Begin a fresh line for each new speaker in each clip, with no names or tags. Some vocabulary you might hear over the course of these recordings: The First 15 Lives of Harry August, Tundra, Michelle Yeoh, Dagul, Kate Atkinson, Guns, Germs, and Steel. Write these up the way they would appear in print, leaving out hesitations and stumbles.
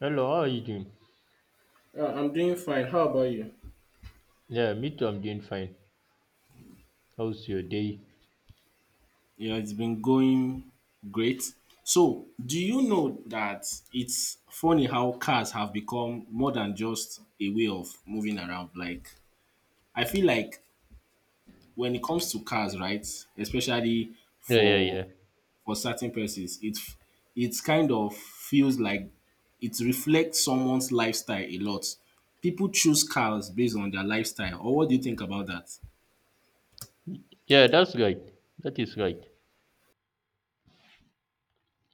Hello, how are you doing?
I'm doing fine. How about you?
Yeah, me too, I'm doing fine. How's your day?
Yeah, it's been going great. So, do you know that it's funny how cars have become more than just a way of moving around? Like, I feel like when it comes to cars, right, especially
Yeah, yeah,
for
yeah.
for certain persons, it it's kind of feels like it reflects someone's lifestyle a lot. People choose cars based on their lifestyle, or what do you think about that?
Yeah, that's right. That is right.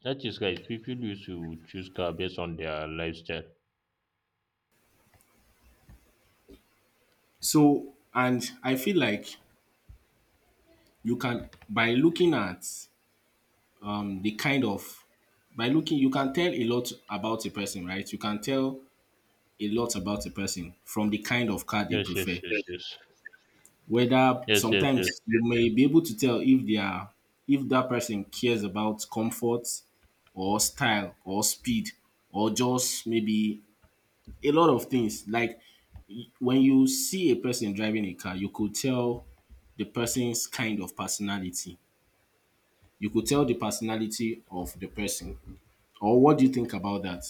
That is right. People used to choose car based on their lifestyle.
So, and I feel like you can by looking at the kind of by looking you can tell a lot about a person, right? You can tell a lot about a person from the kind of car they
Yes, yes,
prefer.
yes, yes.
Whether
Yes, yes, yes.
sometimes you may be able to tell if they are if that person cares about comfort or style or speed or just maybe a lot of things. Like when you see a person driving a car, you could tell the person's kind of personality you could tell the personality of the person. Or what do you think about that?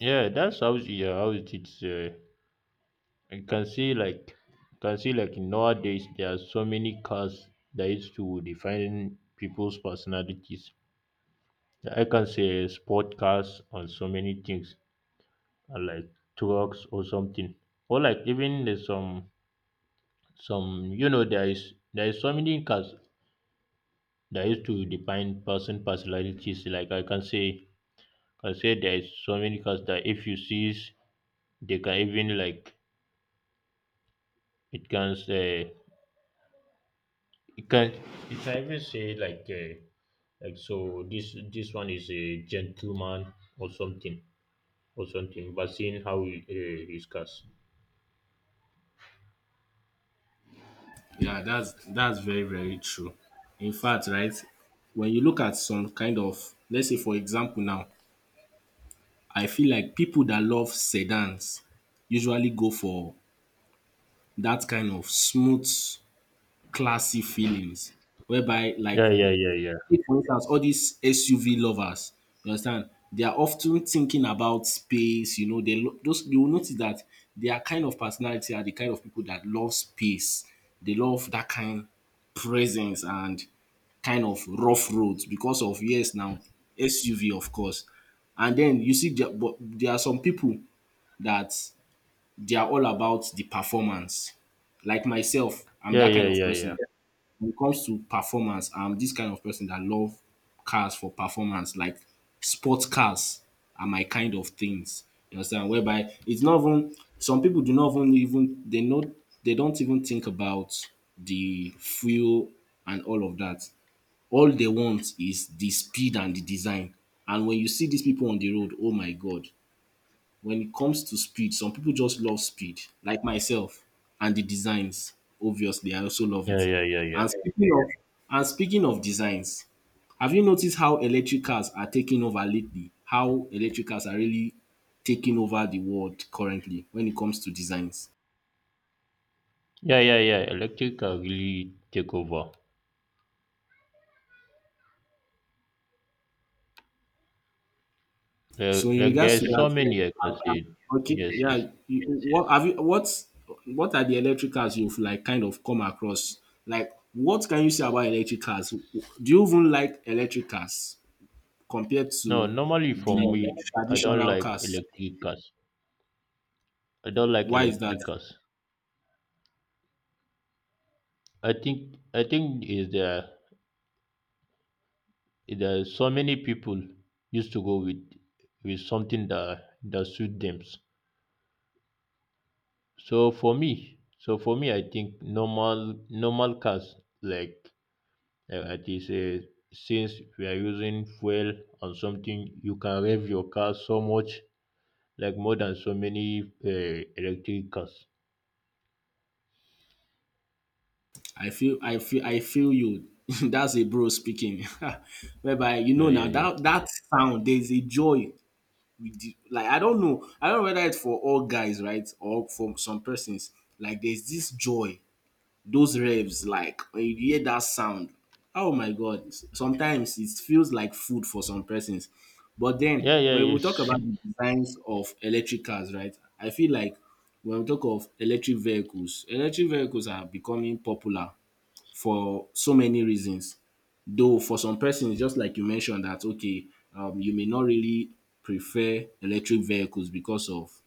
Yeah, yeah, how it is. You can see like, nowadays there are so many cars that used to define people's personalities. I can say sport cars on so many things. Like trucks or something, or like even there's some, there is so many cars that used to define person personalities. I say there is so many cars that if you see, they can even like, it can say, it can, it can even say like, so this one is a gentleman or something, or something, but seeing how he, his cars.
Yeah, that's very, very true. In fact, right, when you look at some kind of, let's say for example now, I feel like people that love sedans usually go for that kind of smooth, classy feelings, whereby like
Yeah, yeah, yeah, yeah.
take for instance all these SUV lovers, you understand, they are often thinking about space, you know, those you will notice that their kind of personality are the kind of people that love space. They love that kind presence and kind of rough roads because of yes now SUV of course. And then you see there, but there are some people that they are all about the performance. Like myself, I'm
Yeah,
that kind
yeah,
of
yeah, yeah.
person. When it comes to performance, I'm this kind of person that love cars for performance, like sports cars are my kind of things. You understand? Whereby it's not even some people do not even they know they don't even think about the fuel and all of that. All they want is the speed and the design. And when you see these people on the road, oh my god, when it comes to speed, some people just love speed, like myself, and the designs. Obviously, I also love
Yeah,
it.
yeah, yeah, yeah.
And speaking of and speaking of designs, have you noticed how electric cars are taking over lately? How electric cars are really taking over the world currently when it comes to designs.
Yeah, yeah, yeah. Electric car really take over.
So in
Like
regards to
there's so
that,
many I
uh,
can say.
uh, okay,
Yes,
yeah,
yes.
what have you what are the electric cars you've like kind of come across? Like, what can you say about electric cars? Do you even like electric cars compared
No,
to
normally
the
for me, I don't
traditional
like
cars?
electric cars. I don't like
Why is that?
electric cars. I think is there, there are so many people used to go with something that suit them. So for me, I think normal cars like. Yeah, it is. Think since we are using fuel on something, you can rev your car so much, like more than so many electric cars.
I feel I feel you. That's a bro speaking. Whereby you
Yeah,
know now
yeah, yeah.
that that sound there's a joy like I don't know. I don't know whether it's for all guys, right? Or for some persons. Like there's this joy, those revs, like when you hear that sound. Oh my god. Sometimes it feels like food for some persons. But then
Yeah, yeah,
when we
yes.
talk about the designs of electric cars, right? I feel like when we talk of electric vehicles are becoming popular for so many reasons. Though for some persons just like you mentioned that okay, you may not really prefer electric vehicles because of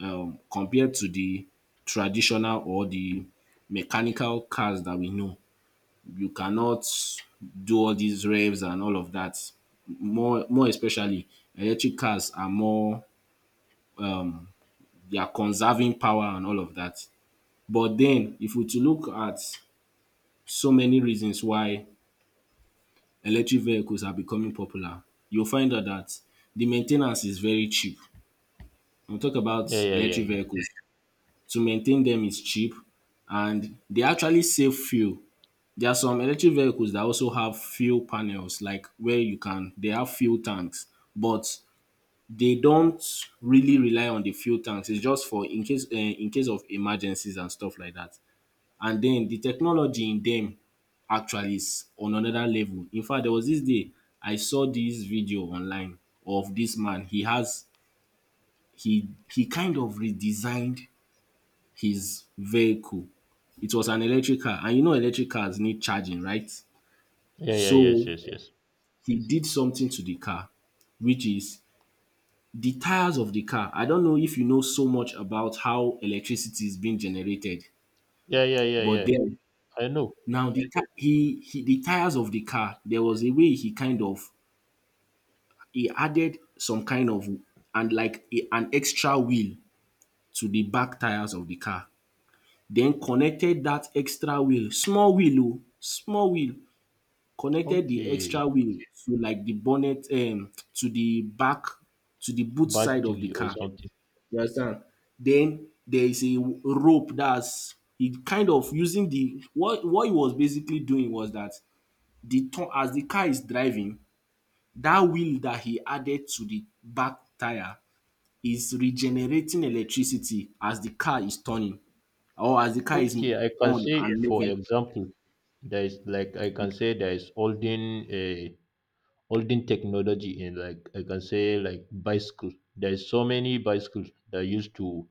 compared to the traditional or the mechanical cars that we know. You cannot do all these revs and all of that. More especially electric cars are more they are conserving power and all of that. But then if we to look at so many reasons why electric vehicles are becoming popular, you'll find out that the maintenance is very cheap. We'll talk about
Yeah, yeah, yeah,
electric
yeah.
vehicles. To maintain them is cheap and they actually save fuel. There are some electric vehicles that also have fuel panels like where you can they have fuel tanks but they don't really rely on the fuel tanks. It's just for in case of emergencies and stuff like that. And then the technology in them actually is on another level. In fact, there was this day I saw this video online of this man. He has he kind of redesigned his vehicle. It was an electric car, and you know electric cars need charging, right?
Yeah, yeah, yes,
So
yes, yes.
he did something to the car, which is the tires of the car. I don't know if you know so much about how electricity is being generated,
Yeah, yeah, yeah,
but
yeah.
then
I know.
now the car, he the tires of the car, there was a way he kind of he added some kind of and like a, an extra wheel to the back tires of the car. Then connected that extra wheel, small wheel, oh, small wheel, connected the
Okay.
extra wheel to like the bonnet to the back to the boot side of the
Battery or
car.
something.
You understand? Then there is a rope that's he kind of using the what he was basically doing was that the turn as the car is driving, that wheel that he added to the back tyre is regenerating electricity as the car is turning or as the car is
Okay, I can
on
say,
and
for
moving.
example, there is like, I can say there is holding a holding technology in, like I can say like bicycle. There is so many bicycles that used to,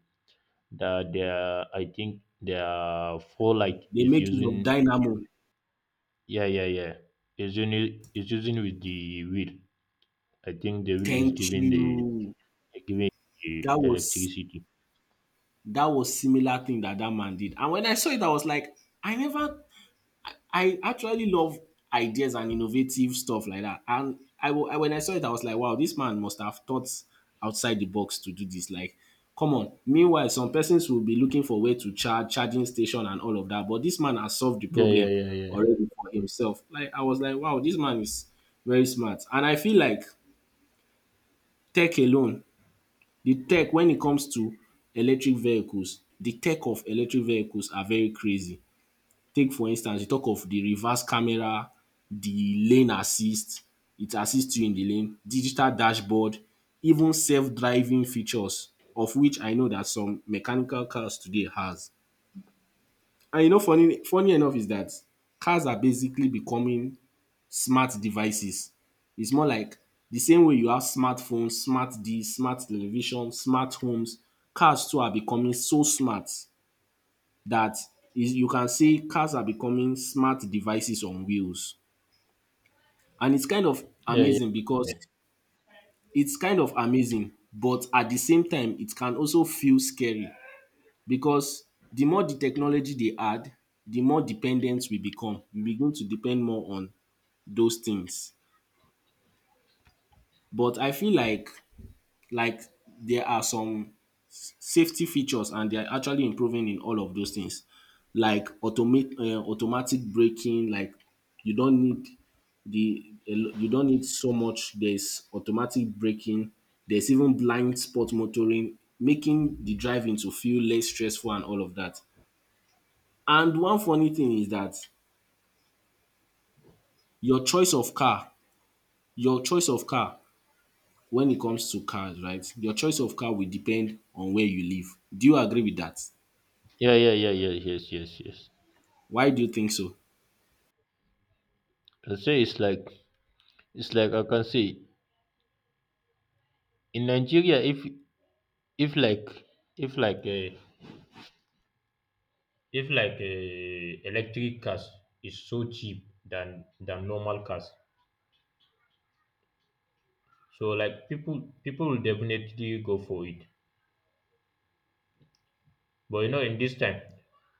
that there, I think the four like
They
is
make use of
using.
dynamo.
Yeah, yeah, yeah. Is using, with the wheel. I think the wheel is
Thank
giving the,
you.
giving the
That was
electricity.
that was similar thing that that man did. And when I saw it, I was like, I never I actually love ideas and innovative stuff like that. And I when I saw it, I was like, wow, this man must have thought outside the box to do this. Like, come on. Meanwhile, some persons will be looking for way to charge charging station and all of that. But this man has solved the
Yeah, yeah,
problem
yeah, yeah.
already for himself. Like, I was like, wow, this man is very smart. And I feel like tech alone, the tech when it comes to electric vehicles, the tech of electric vehicles are very crazy. Take for instance, you talk of the reverse camera, the lane assist, it assists you in the lane, digital dashboard, even self-driving features of which I know that some mechanical cars today has. And you know funny enough is that cars are basically becoming smart devices. It's more like the same way you have smartphones, smart this, smart television, smart homes, cars too are becoming so smart that is you can see cars are becoming smart devices on wheels. And it's kind of
Yeah, yeah,
amazing
yeah,
because it's kind of amazing, but at the same time, it can also feel scary because the more the technology they add, the more dependent we become. We begin to depend more on those things. But I feel like there are some safety features and they're actually improving in all of those things like automate automatic braking like you don't need the you don't need so much there's automatic braking there's even blind spot motoring making the driving to feel less stressful and all of that and one funny thing is that your choice of car your choice of car when it comes to cars right your choice of car will depend on where you live. Do you agree with that?
yeah. Yeah, yeah, yeah. Yes, yes, yes.
Why do you think so?
I say it's like I can say in Nigeria, if, if like uh, electric cars is so cheap than normal cars. So like people will definitely go for it. But you know in this time,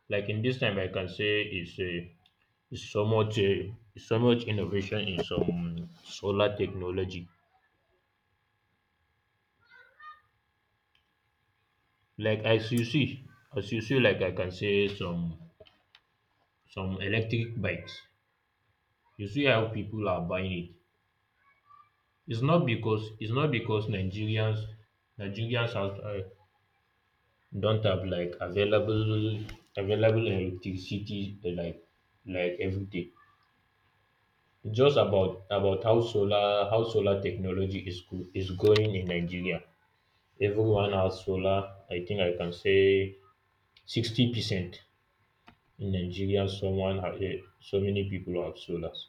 I can say it's a, it's so much, so much innovation in some solar technology. Like as you see, like I can say some, electric bikes. You see how people are buying it. It's not because, Nigerians, have, don't have like available, electricity, like every day, just about, how solar, technology is go, is going in Nigeria. Everyone has solar. I think I can say 60% in Nigeria. Someone ha- eh, so many people have solars.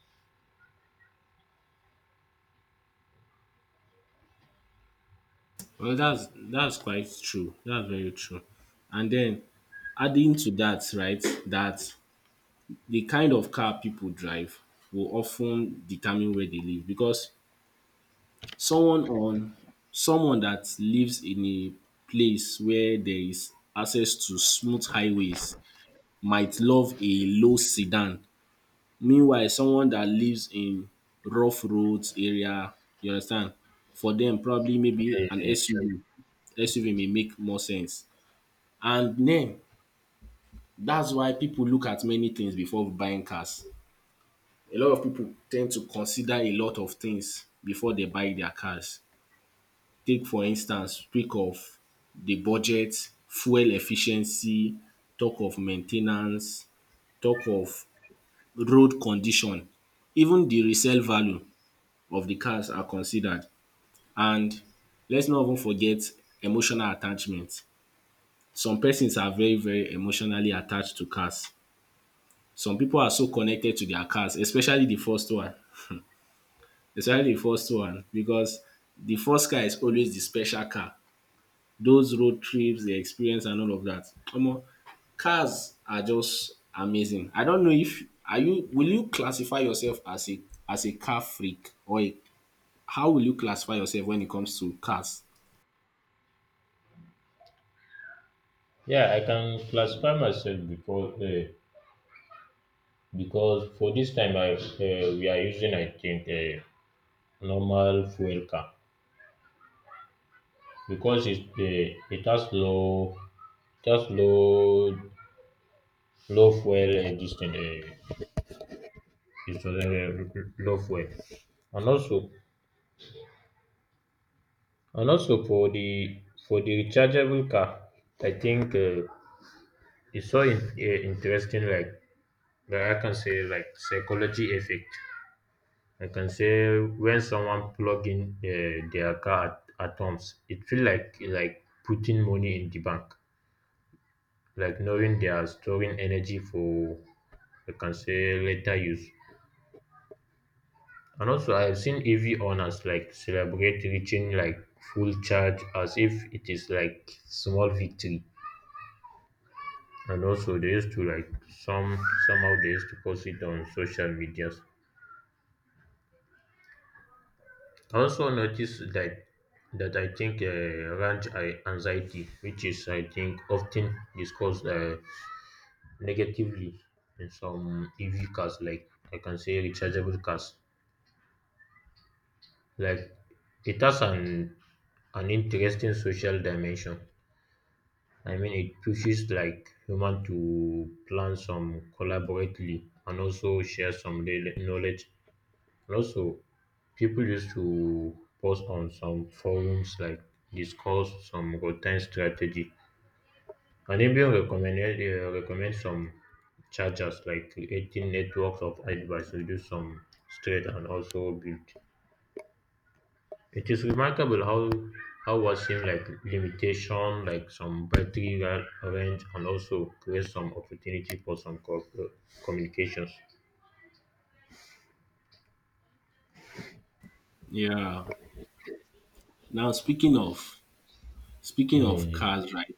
Well, that's quite true. That's very true. And then adding to that, right, that the kind of car people drive will often determine where they live because someone on someone that lives in a place where there is access to smooth highways might love a low sedan. Meanwhile, someone that lives in rough roads area, you understand, for them probably maybe an
Eh,
SUV SUV may make more sense. And den dats why pipu look at many things before buying cars. A lot of pipu ten d to consider a lot of things before dey buy their cars. Take for instance speak of de budget, fuel efficiency, talk of main ten ance, talk of road condition, even de resale value of de cars are considered and lets not even forget emotional attachment. Some persons are very very emotionally attached to cars some people are so connected to their cars, especially the first one. especially the first one, because the first car is always the special car. Those road trips, the experience, and all of that. Omo, cars are just amazing. I don't know if are you will you classify yourself as a car freak or a, how will you classify yourself when it comes to cars?
yeah, I can classify myself because, because for this time I, we are using I think a normal fuel car, because it, it has low, it has low low fuel, distance. Is low fuel. And also, for the, rechargeable car, I think, it's so in, interesting. Like that I can say like psychology effect. I can say when someone plug in, their car at, homes, it feel like putting money in the bank, like knowing they are storing energy for, I can say later use. And also, I have seen EV owners like celebrate reaching like full charge as if it is like small victory. And also, they used to like some, somehow they used to post it on social medias. I also noticed that, I think, range a- anxiety, which is I think often discussed, negatively in some EV cars, like I can say rechargeable cars, like it has an interesting social dimension. I mean, it pushes like human to plan some collaboratively and also share some real knowledge. And also, people used to post on some forums, like discuss some routine strategy and even recommend, recommend some chargers, like creating networks of advice reduce some stress and also build. It is remarkable how, what seem like limitation, like some battery ra- range, and also create some opportunity for some co- co- communications.
Yeah. Now speaking of speaking
Yeah,
of
yeah,
cars, right?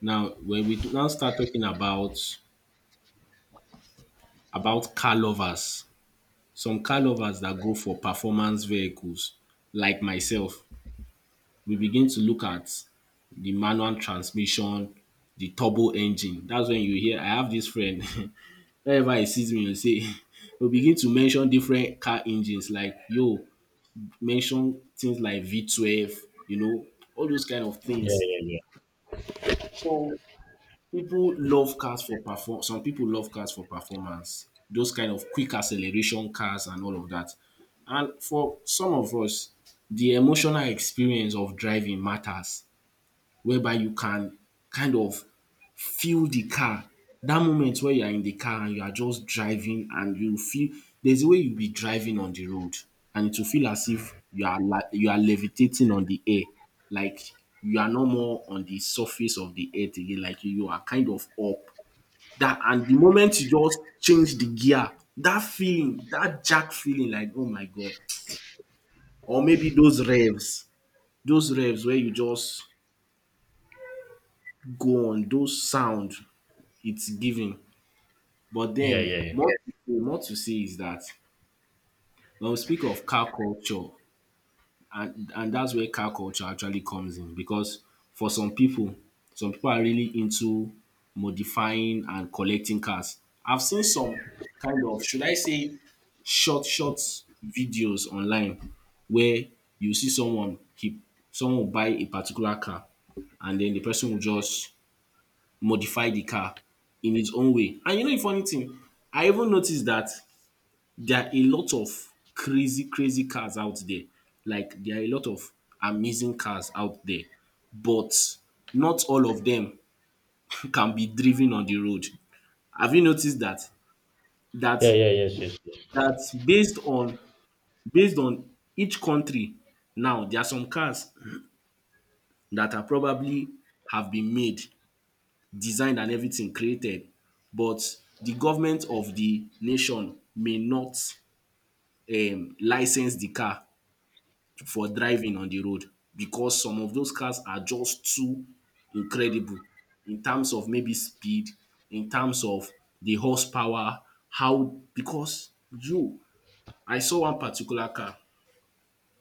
Now when we now start talking about car lovers, some car lovers that go for performance vehicles, like myself, we begin to look at the manual transmission, the turbo engine. That's when you hear I have this friend whenever he sees me he will say he will begin to mention different car engines like, yo, mention things like V 12, you know all those kind of
yeah,
things.
yeah. Yeah,
So People love cars for perform some people love cars for performance, those kind of quick acceleration cars and all of that. And for some of us, the emotional experience of driving matters, whereby you can kind of feel the car. That moment where you are in the car and you are just driving and you feel there's a way you'll be driving on the road and it will feel as if you are, like, you are levitating on the air. Like, you are no more on the surface of the earth again. Like, you are kind of up. That and the moment you just change the gear, that feeling, that jack feeling, like, oh my god. Or maybe those revs where you just go on, those sound it's giving. But
yeah,
then,
yeah, yeah.
more to say is that when we speak of car culture, and that's where car culture actually comes in because for some people are really into modifying and collecting cars. I've seen some kind of, should I say, short videos online where you see someone will buy a particular car and then the person will just modify the car in its own way. And you know the funny thing, I even noticed that there are a lot of crazy, crazy cars out there. Like there are a lot of amazing cars out there, but not all of them can be driven on the road. Have you noticed that? That
Yeah, yeah, yes, yes, yes.
that's based on based on each country. Now there are some cars that are probably, have been made designed and everything, created, but the government of the nation may not license the car for driving on the road because some of those cars are just too incredible in terms of maybe speed, in terms of the horsepower, how because you I saw one particular car.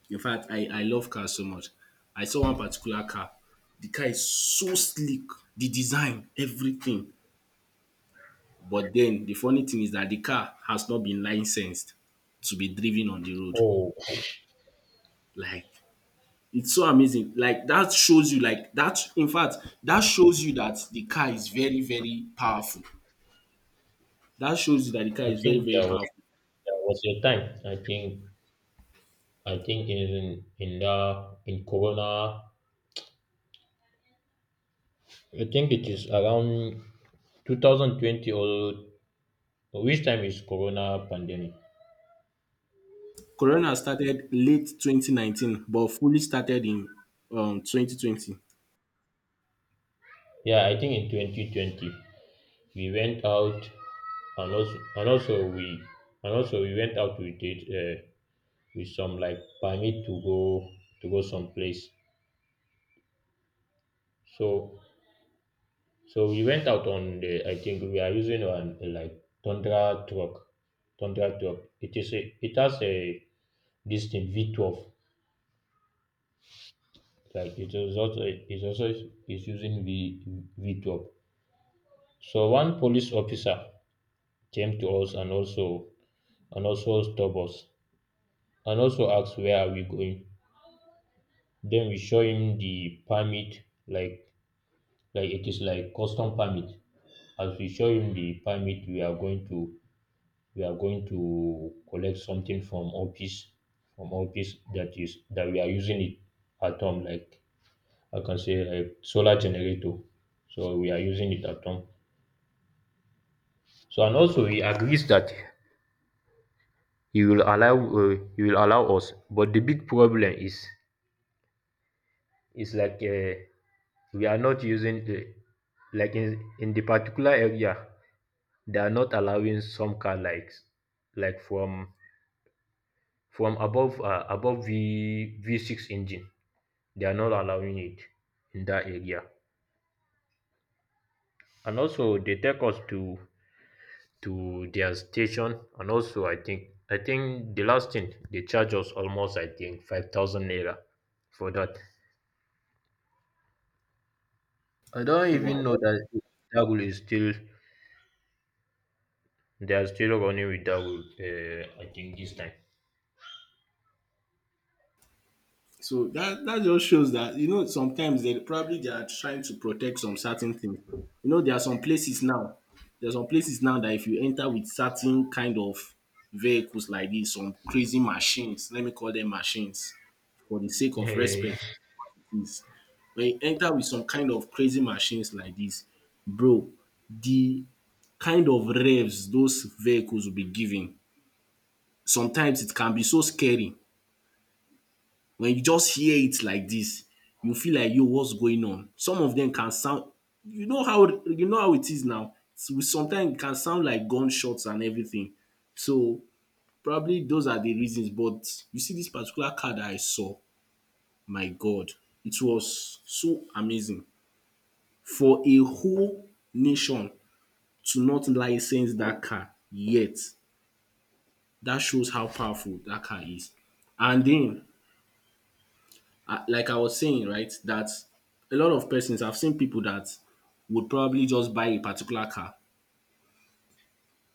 In fact, I love cars so much. I saw one particular car. The car is so sleek, the design, everything. But then the funny thing is that the car has not been licensed to be driven on the road.
Oh,
Like, it's so amazing. Like that shows you, like that, in fact, that shows you that the car is very, very powerful. That shows you that the car
I
is very,
think
very
there was,
powerful.
a time. I think in the in Corona, I think it is around 2020, or which time is Corona pandemic?
Corona started late 2019, but fully started in 2020.
Yeah, I think in 2020 we went out, and also and also we and also we went out with it, with some like permit to go, someplace. So, we went out on the, I think we are using on like Tundra truck, Tundra truck. It is a, it has a this thing V12. Like it is also, it also is using V V12. So one police officer came to us, and also, stopped us, and also asked where are we going. Then we show him the permit, like like it is like custom permit. As we show him the permit, we are going to, collect something from office, that is that we are using it at home. Like I can say like solar generator. So we are using it at home. So and also he agrees that, he will allow, he will allow us. But the big problem is, like, we are not using, like in, the particular area they are not allowing some car like from, above, above V V6 engine. They are not allowing it in that area. And also they take us to, their station, and also I think the last thing they charge us almost I think 5,000 naira for that. I don't
Wow.
even know that Dagul is still, they are still running with Dagul, I think this time.
So that, that just shows that, you know, sometimes they probably, they are trying to protect some certain things. You know, there are some places now. There are some places now that if you enter with certain kind of vehicles like this, some crazy machines, let me call them machines for the sake of
Yeah, yeah,
respect,
yeah.
is when you enter with some kind of crazy machines like this, bro, the kind of revs those vehicles will be giving, sometimes it can be so scary. When you just hear it like this, you feel like, yo, what's going on? Some of them can sound, you know how it is now. Sometimes it can sound like gunshots and everything. So probably those are the reasons. But you see this particular car that I saw, my God, it was so amazing for a whole nation to not license that car yet. That shows how powerful that car is. And then I, like I was saying, right, that a lot of persons, I've seen people that would probably just buy a particular car.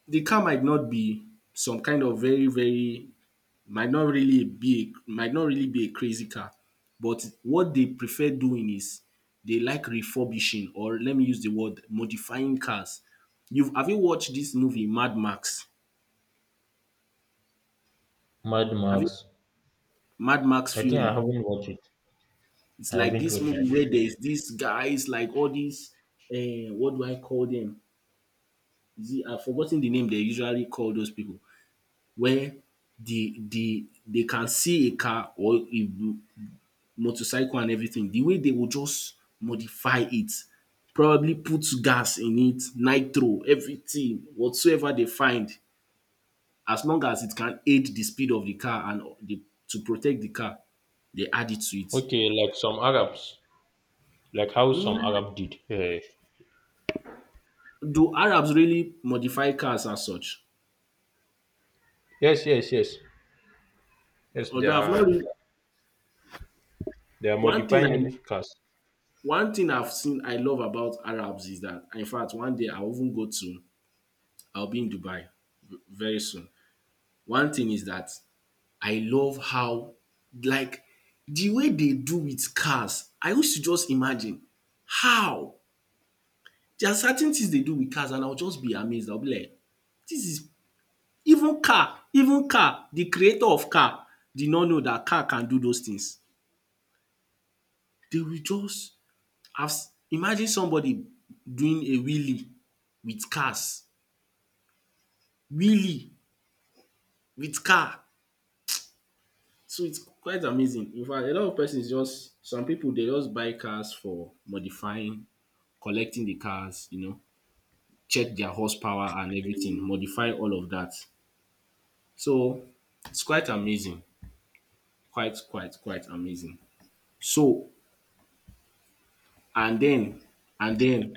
The car might not be some kind of very, very, might not really be a crazy car, but what they prefer doing is they like refurbishing, or let me use the word, modifying cars. You've Have you watched this movie Mad Max?
Mad
Have you
Max.
Mad Max
I think I
Fury?
haven't watched it.
It's
I
like
haven't
this
watched
movie
it.
where there's these guys, like all these what do I call them? Is I've forgotten the name they usually call those people, where the they can see a car or a motorcycle and everything. The way they will just modify it, probably put gas in it, nitro, everything, whatsoever they find, as long as it can aid the speed of the car and the, to protect the car, they add it to it.
Okay, like some Arabs, like how
Mm,
some Arab did. Eh,
do Arabs really modify cars as such?
yes, yes, yes, yes. They
Although I've not
are,
really,
they are
one thing I
modifying cars.
one thing I've seen I love about Arabs is that, in fact, one day I'll even go to, I'll be in Dubai very soon. One thing is that I love how, like, the way they do with cars, I used to just imagine how there are certain things they do with cars and I'll just be amazed. I'll be like, this is, even car the creator of car did not know that car can do those things. They will just have, imagine somebody doing a wheelie with cars. Really? With car? So it's quite amazing. In fact, a lot of persons just, some people they just buy cars for modifying, collecting the cars, you know, check their horsepower and everything, modify all of that. So it's quite amazing. Quite, quite, quite amazing. So and then and then